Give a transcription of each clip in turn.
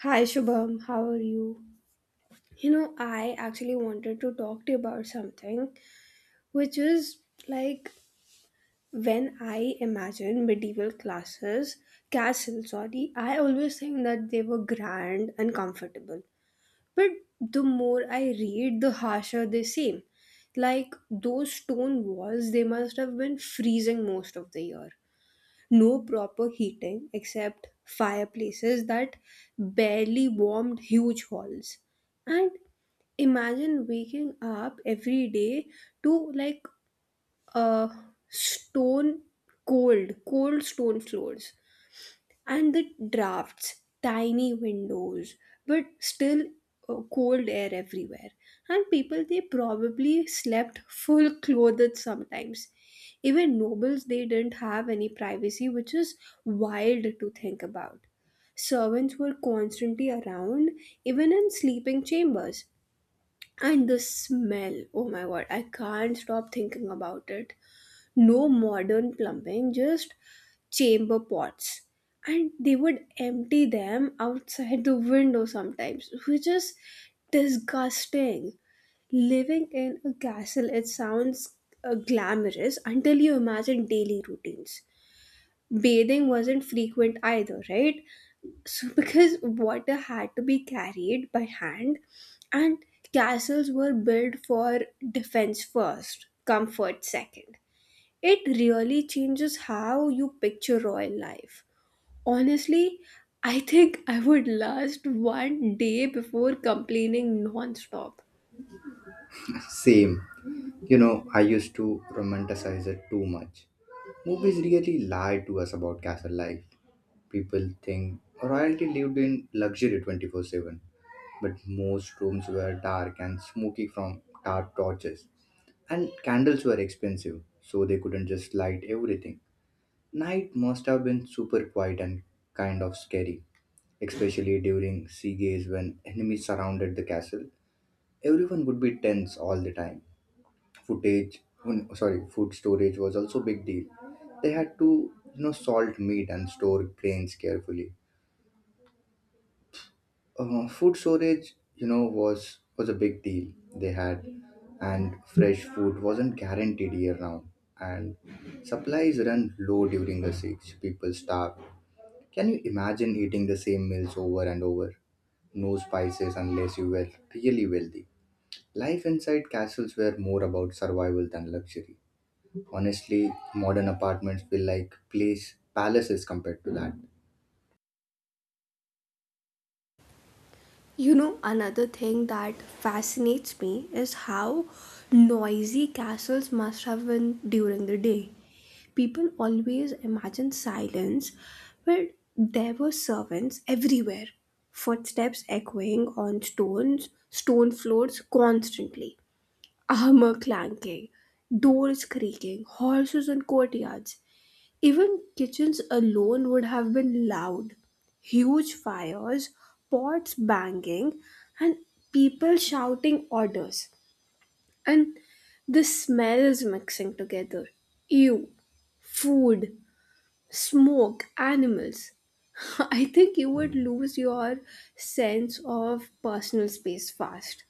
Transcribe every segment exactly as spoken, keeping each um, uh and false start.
Hi Shubham, how are you? You know, I actually wanted to talk to you about something, which is like when I imagine medieval classes, castles, sorry, I always think that they were grand and comfortable. But the more I read, the harsher they seem. Like those stone walls, they must have been freezing most of the year, no proper heating except fireplaces that barely warmed huge halls. And imagine waking up every day to like a stone cold, cold stone floors and the drafts, tiny windows, but still uh, cold air everywhere. And people, they probably slept full clothed sometimes. Even nobles, they didn't have any privacy, which is wild to think about. Servants were constantly around, even in sleeping chambers. And the smell, oh my god, I can't stop thinking about it. No modern plumbing, just chamber pots, and they would empty them outside the window sometimes, which is disgusting. Living in a castle, it sounds uh, glamorous until you imagine daily routines. Bathing wasn't frequent either, right? So because water had to be carried by hand, and castles were built for defense first, comfort second. It really changes how you picture royal life. Honestly, I think I would last one day before complaining nonstop. Same. You know, I used to romanticize it too much. Movies really lie to us about castle life. People think royalty lived in luxury twenty four seven, but most rooms were dark and smoky from tar torches, and candles were expensive, so they couldn't just light everything. Night must have been super quiet and kind of scary, especially during sea gaze when enemies surrounded the castle. Everyone would be tense all the time. Footage mm, sorry Food storage was also a big deal. They had to you know salt meat and store grains carefully. Uh, food storage you know was was a big deal they had And fresh food wasn't guaranteed year round, and supplies run low during the siege, people starve. Can you imagine eating the same meals over and over, no spices unless you were really wealthy? Life inside castles were more about survival than luxury. Honestly, modern apartments feel like place palaces compared to that. You know, another thing that fascinates me is how noisy castles must have been during the day. People always imagine silence, but there were servants everywhere, footsteps echoing on stones, stone floors constantly, armor clanking, doors creaking, horses in courtyards. Even kitchens alone would have been loud. Huge fires, pots banging, and people shouting orders. And the smells mixing together. Ew, food, smoke, animals. I think you would lose your sense of personal space fast,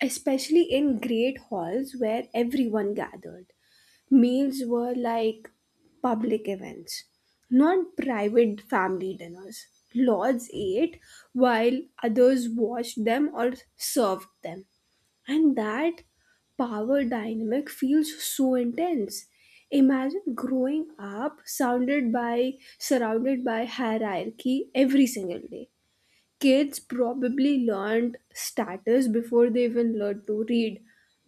especially in great halls where everyone gathered. Meals were like public events, not private family dinners. Lords ate while others watched them or served them. And that power dynamic feels so intense. Imagine growing up sounded by surrounded by hierarchy every single day. Kids probably learned status before they even learned to read.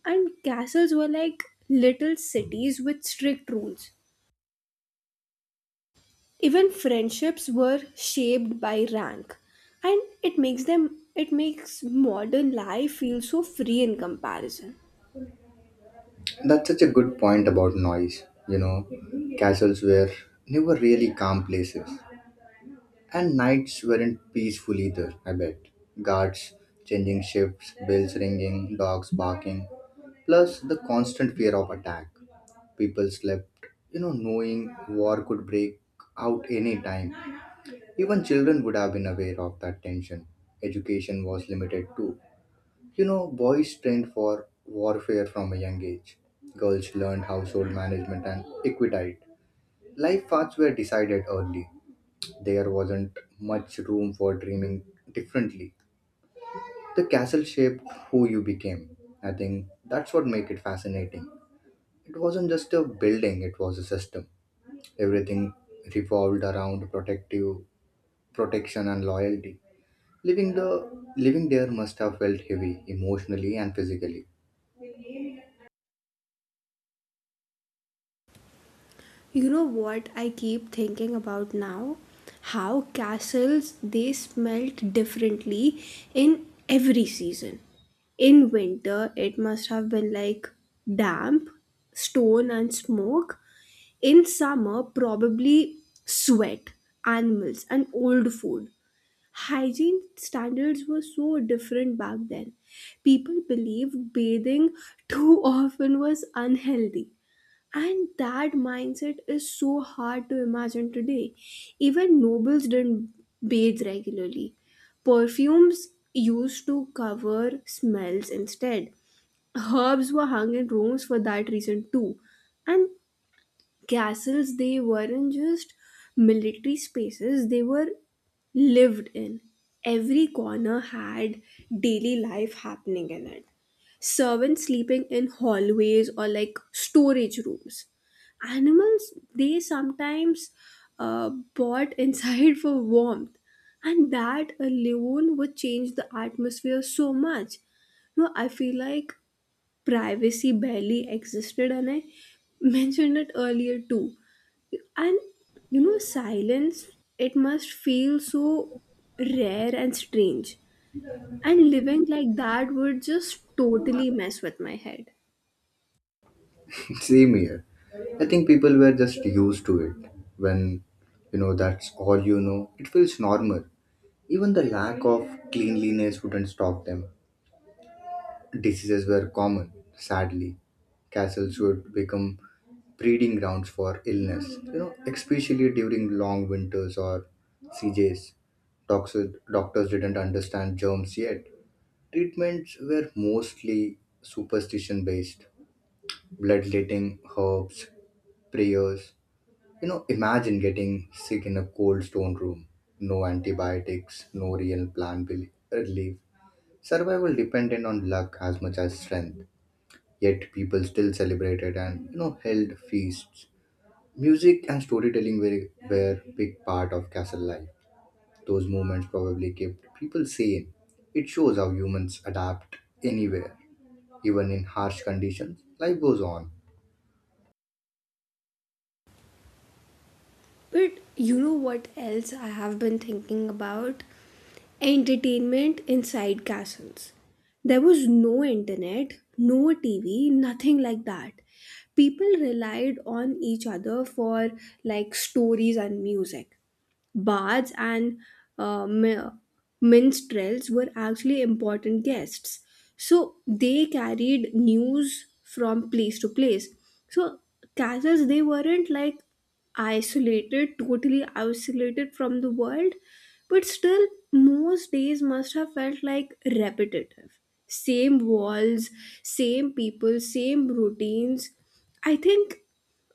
And castles were like little cities with strict rules. Even friendships were shaped by rank. And it makes them it makes modern life feel so free in comparison. That's such a good point about noise. You know, castles were never really calm places. And nights weren't peaceful either, I bet. Guards changing shifts, bells ringing, dogs barking, plus the constant fear of attack. People slept, you know, knowing war could break out any time. Even children would have been aware of that tension. Education was limited too. You know, boys trained for warfare from a young age. Girls learned household management and equitite. Life paths were decided early. There wasn't much room for dreaming differently. The castle shaped who you became. I think that's what make it fascinating. It wasn't just a building, it was a system. Everything revolved around protective protection and loyalty. Living the living there must have felt heavy emotionally and physically. You know what I keep thinking about now? How castles they smelt differently in every season. In winter, it must have been like damp, stone, and smoke. In summer, probably sweat, animals, and old food. Hygiene standards were so different back then. People believed bathing too often was unhealthy, and that mindset is so hard to imagine today. Even nobles didn't bathe regularly. Perfumes used to cover smells instead. Herbs were hung in rooms for that reason too. And castles, they weren't just military spaces, they were lived in. Every corner had daily life happening in it. Servants sleeping in hallways or like storage rooms, animals they sometimes uh, bought inside for warmth, and that alone would change the atmosphere so much. No, I feel like privacy barely existed, and I mentioned it earlier too. And you know, silence, it must feel so rare and strange, and living like that would just totally mess with my head. Same here. I think people were just used to it. When you know that's all you know, it feels normal. Even the lack of cleanliness wouldn't stop them. Diseases were common, sadly. Castles would become breeding grounds for illness, you know, especially during long winters or C Js. Doctors, doctors didn't understand germs yet. Treatments were mostly superstition based: bloodletting, herbs, prayers. You know, imagine getting sick in a cold stone room. No antibiotics, no real plant bel- relief. Survival dependent on luck as much as strength. Yet people still celebrated and you know held feasts. Music and storytelling were, were big part of castle life. Those moments probably kept people sane. It shows how humans adapt anywhere, even in harsh conditions. Life goes on. But you know what else I have been thinking about? Entertainment inside castles. There was no internet, no T V, nothing like that. People relied on each other for like stories and music. Bards and uh, mi- minstrels were actually important guests. So they carried news from place to place. So castles, they weren't like isolated, totally isolated from the world, but still, most days must have felt like repetitive. Same walls, same people, same routines. I think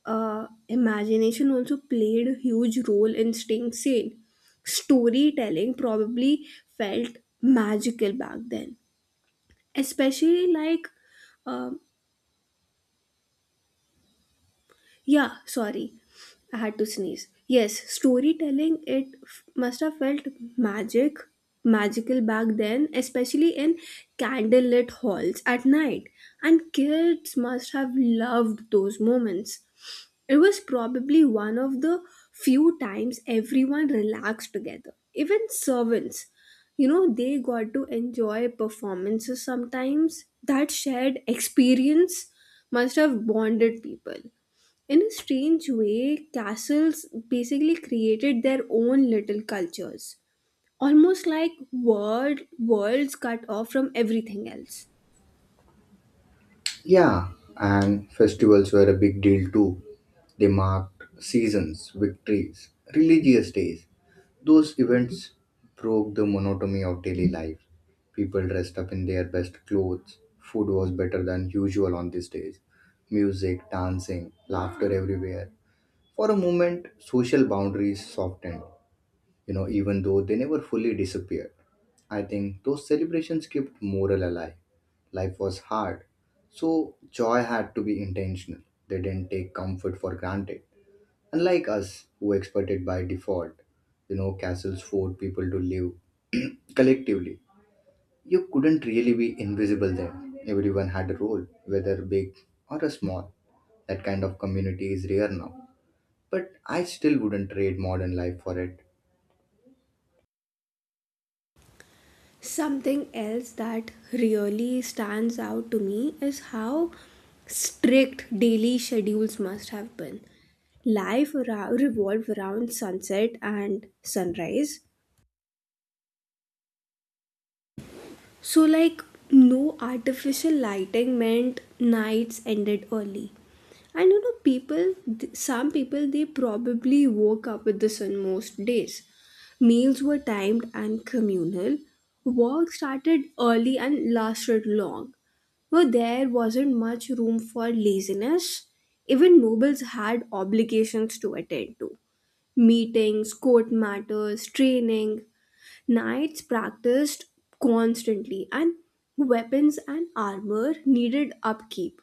uh, imagination also played a huge role in staying sane. Storytelling probably felt magical back then, especially like, um, yeah, sorry, I had to sneeze. Yes, storytelling it f- must have felt magic, magical back then, especially in candlelit halls at night, and kids must have loved those moments. It was probably one of the few times everyone relaxed together. Even servants, you know, they got to enjoy performances sometimes. That shared experience must have bonded people. In a strange way, castles basically created their own little cultures, almost like world, worlds cut off from everything else. Yeah, and festivals were a big deal too. They marked seasons, victories, religious days. Those events broke the monotony of daily life. People dressed up in their best clothes. Food was better than usual on these days. Music, dancing, laughter everywhere. For a moment, social boundaries softened, you know, even though they never fully disappeared. I think those celebrations kept morale alive. Life was hard, so joy had to be intentional. They didn't take comfort for granted. Unlike us, who expected by default, you know, castles forced people to live collectively. You couldn't really be invisible then. Everyone had a role, whether big or a small. That kind of community is rare now. But I still wouldn't trade modern life for it. Something else that really stands out to me is how strict daily schedules must have been. Life ra- revolved around sunset and sunrise. So, like, no artificial lighting meant nights ended early. And you know, people, th- some people, they probably woke up with the sun most days. Meals were timed and communal. Work started early and lasted long. Well, there wasn't much room for laziness. Even nobles had obligations to attend to: meetings, court matters, training. Knights practiced constantly, and weapons and armor needed upkeep.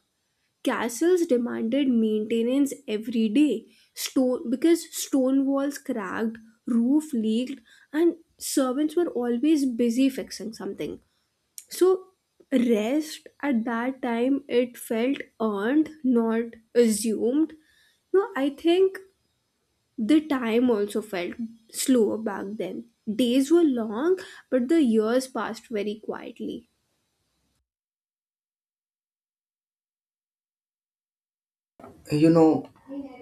Castles demanded maintenance every day. Stone, because stone walls cracked, roof leaked, and servants were always busy fixing something. So rest at that time, it felt earned, not assumed. No, I think the time also felt slower back then. Days were long, but the years passed very quietly. You know,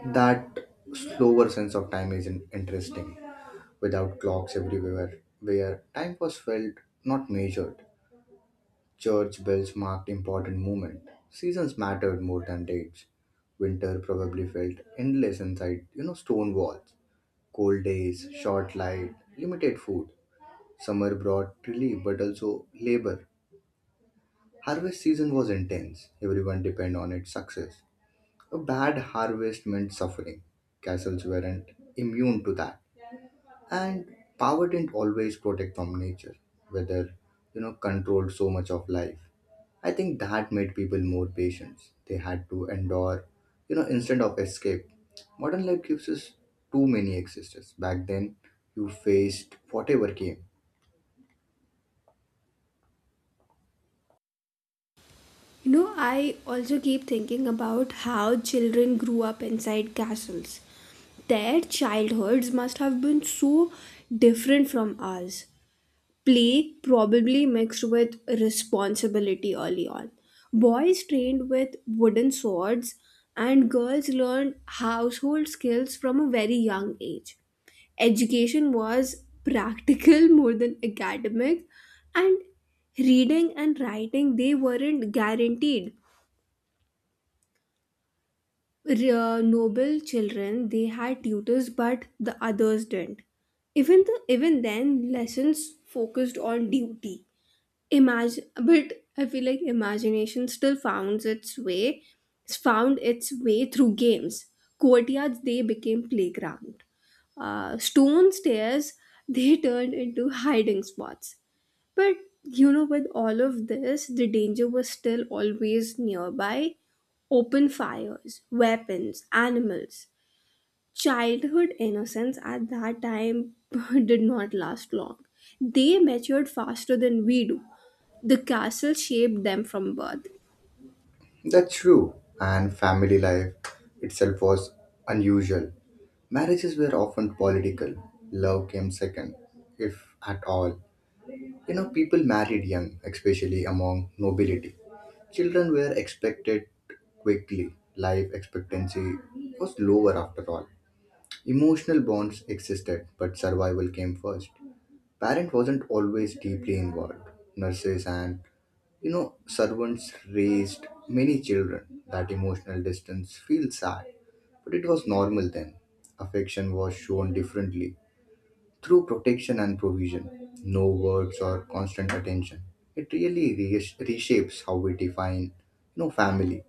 that slower sense of time is in- interesting. Without clocks everywhere, where time was felt not measured, church bells marked important moment. Seasons mattered more than dates. Winter probably felt endless inside, you know, stone walls. Cold days, short light, limited food. Summer brought relief but also labor. Harvest season was intense. Everyone depended on its success. A bad harvest meant suffering. Castles weren't immune to that. And power didn't always protect from nature, whether, you know, controlled so much of life. I think that made people more patient. They had to endure, you know, instead of escape. Modern life gives us too many existences. Back then, you faced whatever came. You know, I also keep thinking about how children grew up inside castles. Their childhoods must have been so different from ours. Play probably mixed with responsibility early on. Boys trained with wooden swords, and girls learned household skills from a very young age. Education was practical more than academic, and reading and writing, they weren't guaranteed. R- noble children, they had tutors, but the others didn't. Even the even then, lessons focused on duty. Imagine, but I feel like imagination still found its way, found its way through games. Courtyards they became playground. Uh, stone stairs they turned into hiding spots. But you know, with all of this, the danger was still always nearby. Open fires, weapons, animals. Childhood innocence at that time did not last long. They matured faster than we do. The castle shaped them from birth. That's true. And family life itself was unusual. Marriages were often political. Love came second, if at all. You know, people married young, especially among nobility. Children were expected quickly. Life expectancy was lower after all. Emotional bonds existed, but survival came first. Parent wasn't always deeply involved. Nurses and you know, servants raised many children. That emotional distance feels sad, but it was normal then. Affection was shown differently through protection and provision, no words or constant attention. It really re- reshapes how we define, you know, family.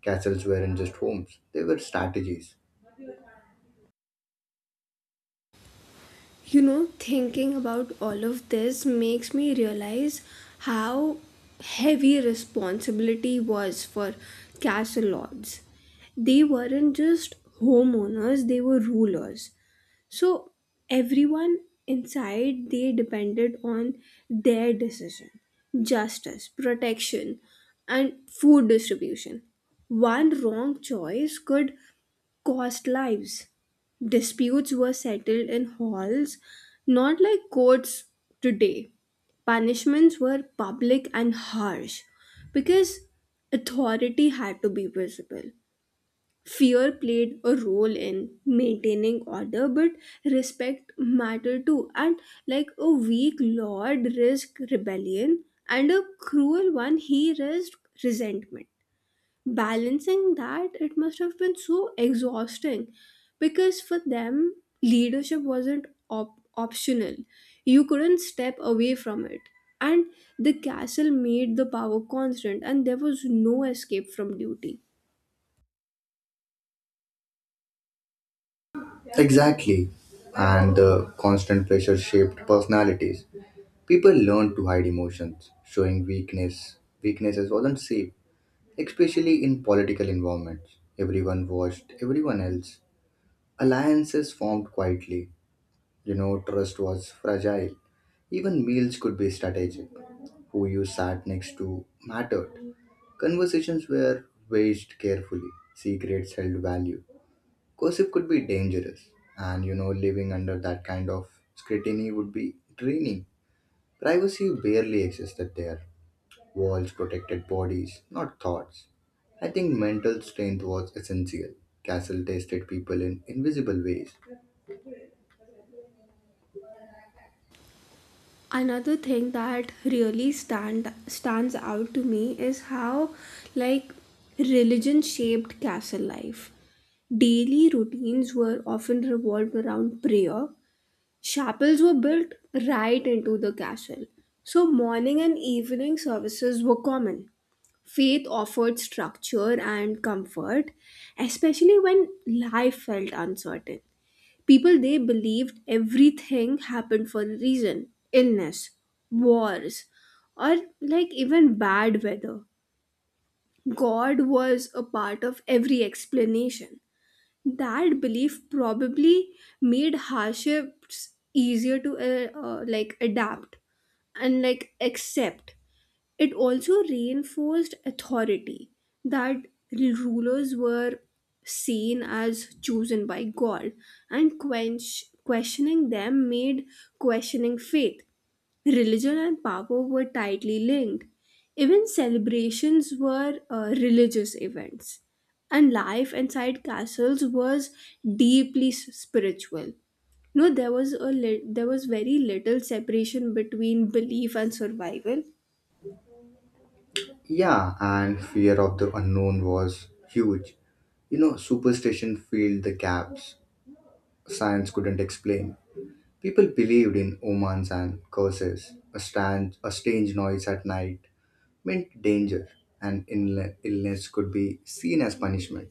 Castles weren't just homes; they were strategies. You know, thinking about all of this makes me realize how heavy responsibility was for castle lords. They weren't just homeowners, they were rulers. So everyone inside, they depended on their decision, justice, protection, and food distribution. One wrong choice could cost lives. Disputes were settled in halls, not like courts today. Punishments were public and harsh because authority had to be visible. Fear played a role in maintaining order, but respect mattered too. And like a weak lord risked rebellion, and a cruel one, he risked resentment. Balancing that, it must have been so exhausting because for them, leadership wasn't op- optional. You couldn't step away from it. And the castle made the power constant, and there was no escape from duty. Exactly, and the constant pressure shaped personalities. People learned to hide emotions, showing weakness. Weaknesses wasn't safe, especially in political environments. Everyone watched everyone else. Alliances formed quietly. You know, trust was fragile. Even meals could be strategic. Who you sat next to mattered. Conversations were weighed carefully. Secrets held value. Gossip could be dangerous. And you know, living under that kind of scrutiny would be draining. Privacy barely existed there. Walls protected bodies, not thoughts. I think mental strength was essential. Castle tested people in invisible ways. Another thing that really stand stands out to me is how like religion shaped castle life. Daily routines were often revolved around prayer. Chapels were built right into the castle, so morning and evening services were common. Faith offered structure and comfort, especially when life felt uncertain. People they believed everything happened for a reason: illness, wars, or like even bad weather. God was a part of every explanation. That belief probably made hardships easier to uh, uh, like adapt and like accept. It also reinforced authority, that rulers were seen as chosen by god, and quench questioning them made questioning faith. Religion and power were tightly linked. Even celebrations were uh, religious events, and life inside castles was deeply s- spiritual. No, there was a lit there was very little separation between belief and survival. Yeah, and fear of the unknown was huge. You know, superstition filled the gaps science couldn't explain. People believed in omens and curses. A, strange, a strange noise at night meant danger, and ill- illness could be seen as punishment.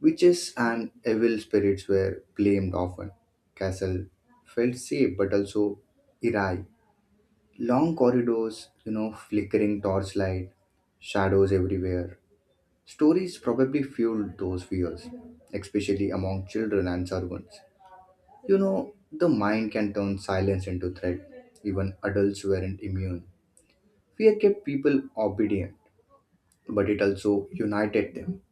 Witches and evil spirits were blamed often. Castle felt safe but also eerie. Long corridors, you know, flickering torchlight, shadows everywhere. Stories probably fueled those fears, especially among children and servants. You know, the mind can turn silence into threat. Even adults weren't immune. Fear kept people obedient, but it also united them.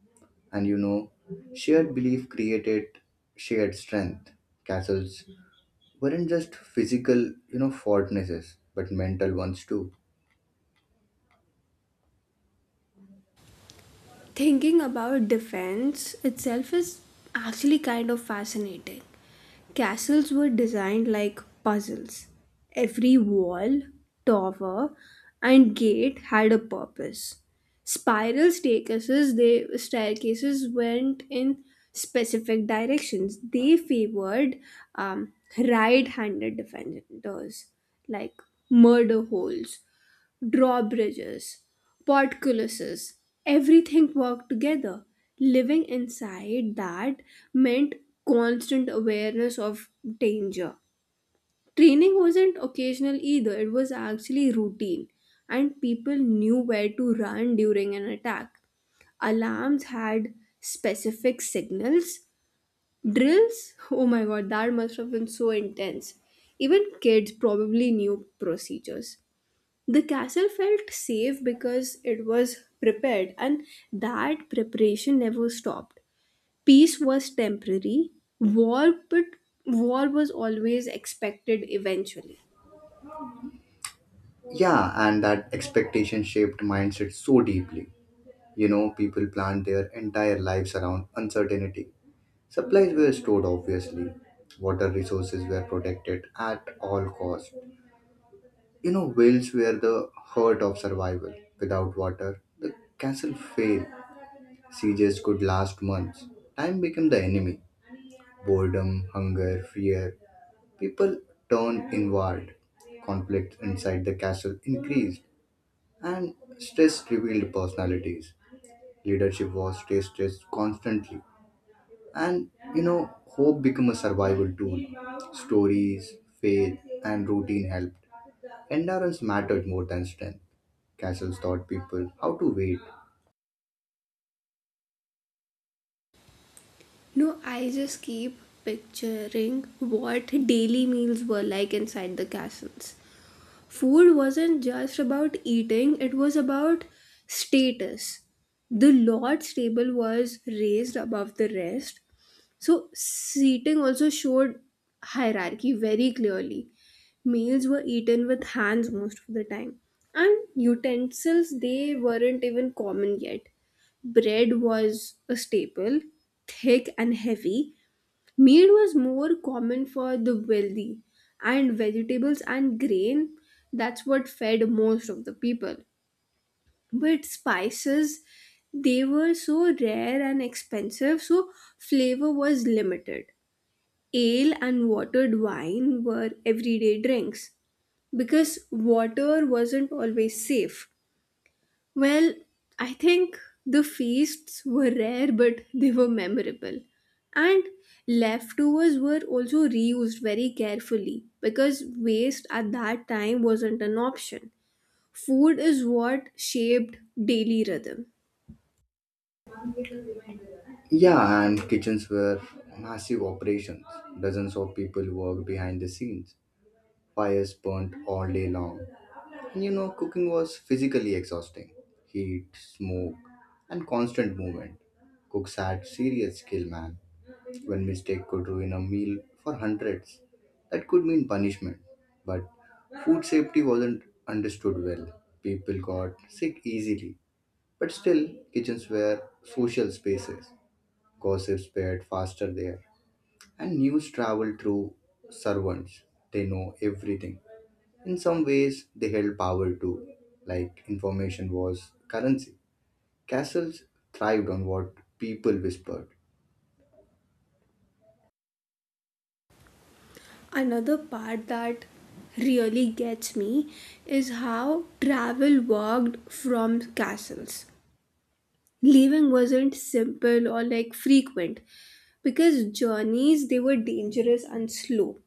And you know, shared belief created shared strength. Castles weren't just physical, you know, fortresses, but mental ones too. Thinking about defense itself is actually kind of fascinating. Castles were designed like puzzles. Every wall, tower, and gate had a purpose. Spiral staircases, they staircases went in specific directions. They favored um, right-handed defenders, like murder holes, drawbridges, portcullises, everything worked together. Living inside that meant constant awareness of danger. Training wasn't occasional either, it was actually routine, and people knew where to run during an attack. Alarms had specific signals. Drills, oh my god, that must have been so intense. Even kids probably knew procedures. The castle felt safe because it was prepared, and that preparation never stopped. Peace was temporary, war, but war was always expected eventually. Yeah, and that expectation shaped mindset so deeply. You know, people planned their entire lives around uncertainty. Supplies were stored, obviously. Water resources were protected at all costs. You know, whales were the heart of survival. Without water, the castle failed. Sieges could last months. Time became the enemy. Boredom, hunger, fear. People turned inward. Conflicts inside the castle increased, and stress revealed personalities. Leadership was tested constantly, and you know, hope became a survival tool. Stories, faith, and routine helped. Endurance mattered more than strength. Castles taught people how to wait. No, I just keep picturing what daily meals were like inside the castles. Food wasn't just about eating, it was about status. The Lord's table was raised above the rest, so seating also showed hierarchy very clearly. Meals were eaten with hands most of the time, and utensils, they weren't even common yet. Bread was a staple, thick and heavy. Meat was more common for the wealthy, and vegetables and grain, that's what fed most of the people. But spices, they were so rare and expensive, so flavor was limited. Ale and watered wine were everyday drinks because water wasn't always safe. Well, I think the feasts were rare, but they were memorable. And leftovers were also reused very carefully because waste at that time wasn't an option. Food is what shaped daily rhythm. Yeah, and kitchens were massive operations. Dozens of people worked behind the scenes. Fires burnt all day long. And you know, cooking was physically exhausting. Heat, smoke, and constant movement. Cooks had serious skill, man. One mistake could ruin a meal for hundreds. That could mean punishment. But food safety wasn't understood well. People got sick easily. But still, kitchens were social spaces. Gossip spread faster there, and news traveled through servants. They know everything. In some ways, they held power too, like information was currency. Castles thrived on what people whispered. Another part that really gets me is how travel worked from castles. Leaving wasn't simple or like frequent because journeys, they were dangerous and slow.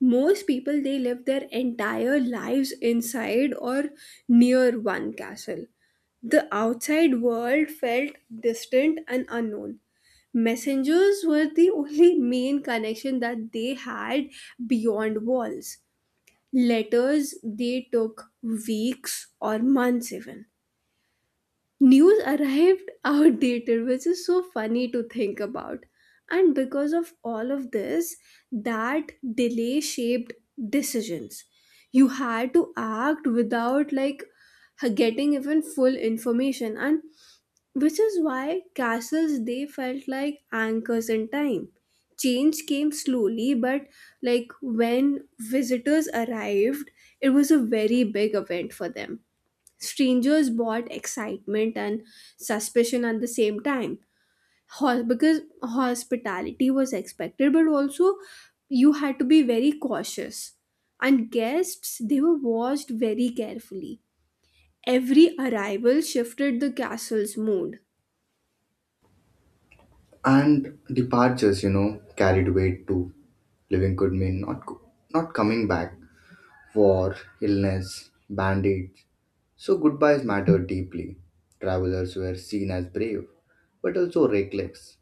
Most people, they live their entire lives inside or near one castle. The outside world felt distant and unknown. Messengers were the only main connection that they had beyond walls. Letters, they took weeks or months even. News arrived outdated, which is so funny to think about. And because of all of this, that delay shaped decisions. You had to act without like getting even full information, and which is why castles, they felt like anchors in time. Change came slowly, but like when visitors arrived, it was a very big event for them. Strangers bought excitement and suspicion at the same time. Ho- because hospitality was expected, but also you had to be very cautious, and guests, they were watched very carefully. Every arrival shifted the castle's mood. And departures, you know, carried weight too. Living could mean not, co- not coming back. War, illness, bandits. So goodbyes mattered deeply. Travelers were seen as brave, but also reckless.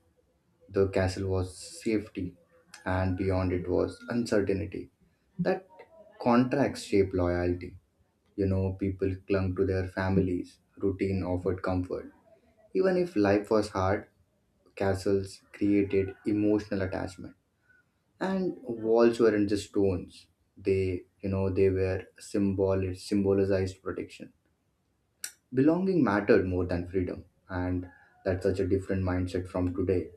The castle was safety, and beyond it was uncertainty. That contracts shape loyalty. You know, people clung to their families, routine offered comfort. Even if life was hard, castles created emotional attachment. And walls weren't just stones. They, you know, they were symbol, it symbolized protection. Belonging mattered more than freedom, and that's such a different mindset from today.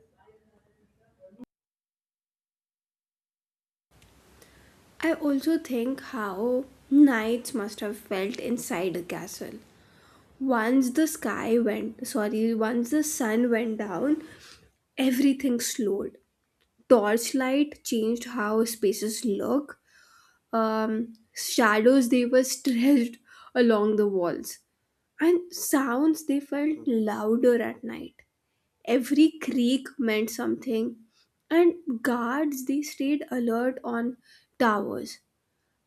I also think how nights must have felt inside the castle. Once the sky went sorry once the sun went down, everything slowed. Torchlight changed how spaces look. Um, shadows, they were stretched along the walls, and sounds, they felt louder at night. Every creak meant something, and guards, they stayed alert on towers.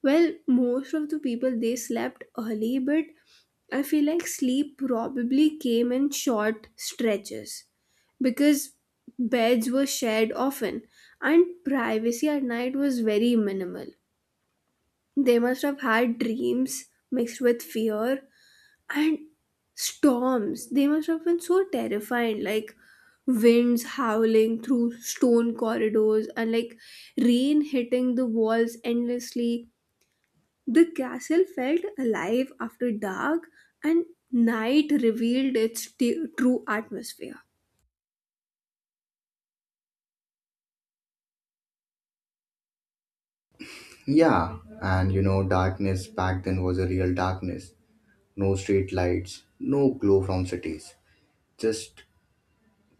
Well, most of the people, they slept early, but I feel like sleep probably came in short stretches because beds were shared often, and privacy at night was very minimal. They must have had dreams mixed with fear, and storms, they must have been so terrifying, like winds howling through stone corridors and like rain hitting the walls endlessly. The castle felt alive after dark, and night revealed its t- true atmosphere. Yeah, and you know, darkness back then was a real darkness. No street lights, no glow from cities, just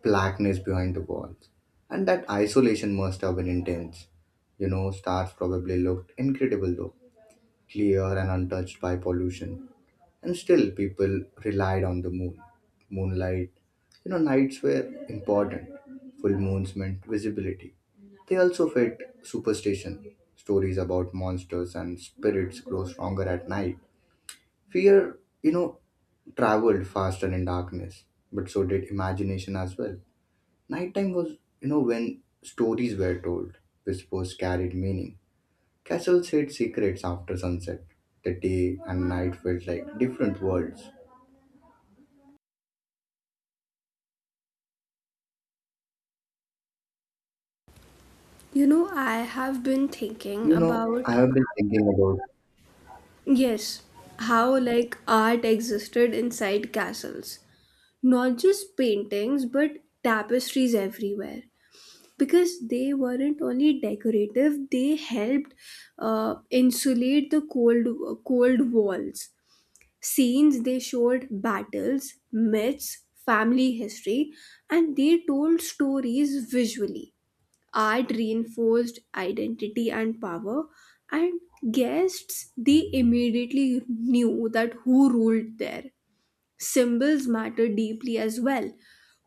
blackness behind the walls. And that isolation must have been intense. You know, stars probably looked incredible though, clear and untouched by pollution, and still people relied on the moon moonlight. You know, nights were important. Full moons meant visibility. They also fed superstition. Stories about monsters and spirits grow stronger at night. Fear, you know, traveled faster in darkness, but so did imagination as well. Nighttime was, you know, when stories were told. Whispers carried meaning. Castles hid secrets after sunset. The day and night felt like different worlds. You know, I have been thinking You know, about, I have been thinking about, yes, how like art existed inside castles. Not just paintings, but tapestries everywhere. Because they weren't only decorative, they helped uh, insulate the cold cold walls. Scenes they showed battles, myths, family history, and they told stories visually. Art reinforced identity and power, and guests, they immediately knew that who ruled there. Symbols matter deeply as well.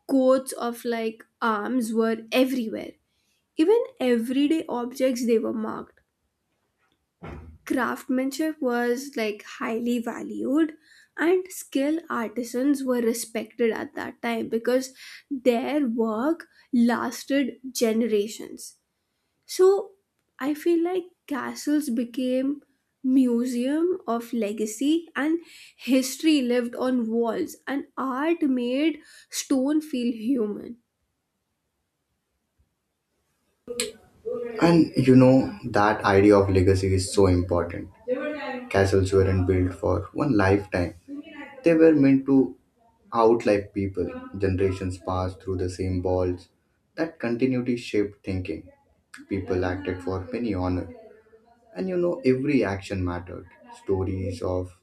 Coats of like arms were everywhere. Even everyday objects, they were marked. Craftsmanship was like highly valued, and skilled artisans were respected at that time because their work lasted generations. So I feel like castles became museum of legacy, and history lived on walls, and art made stone feel human. and you know, that idea of legacy is so important. Castles weren't built for one lifetime, they were meant to outlive people. Generations passed through the same walls. That continuity shaped thinking. People acted for penny honor. And you know, every action mattered. Stories of,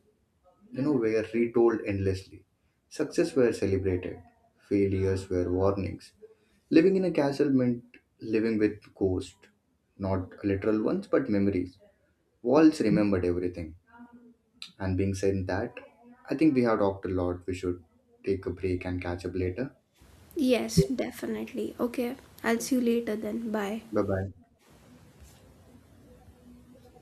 you know, were retold endlessly. Success were celebrated, failures were warnings. Living in a castle meant living with ghosts, not literal ones, but memories. Walls remembered everything. And being said that, I think we have talked a lot. We should take a break and catch up later. Yes, definitely. Okay, I'll see you later then. Bye. Bye bye.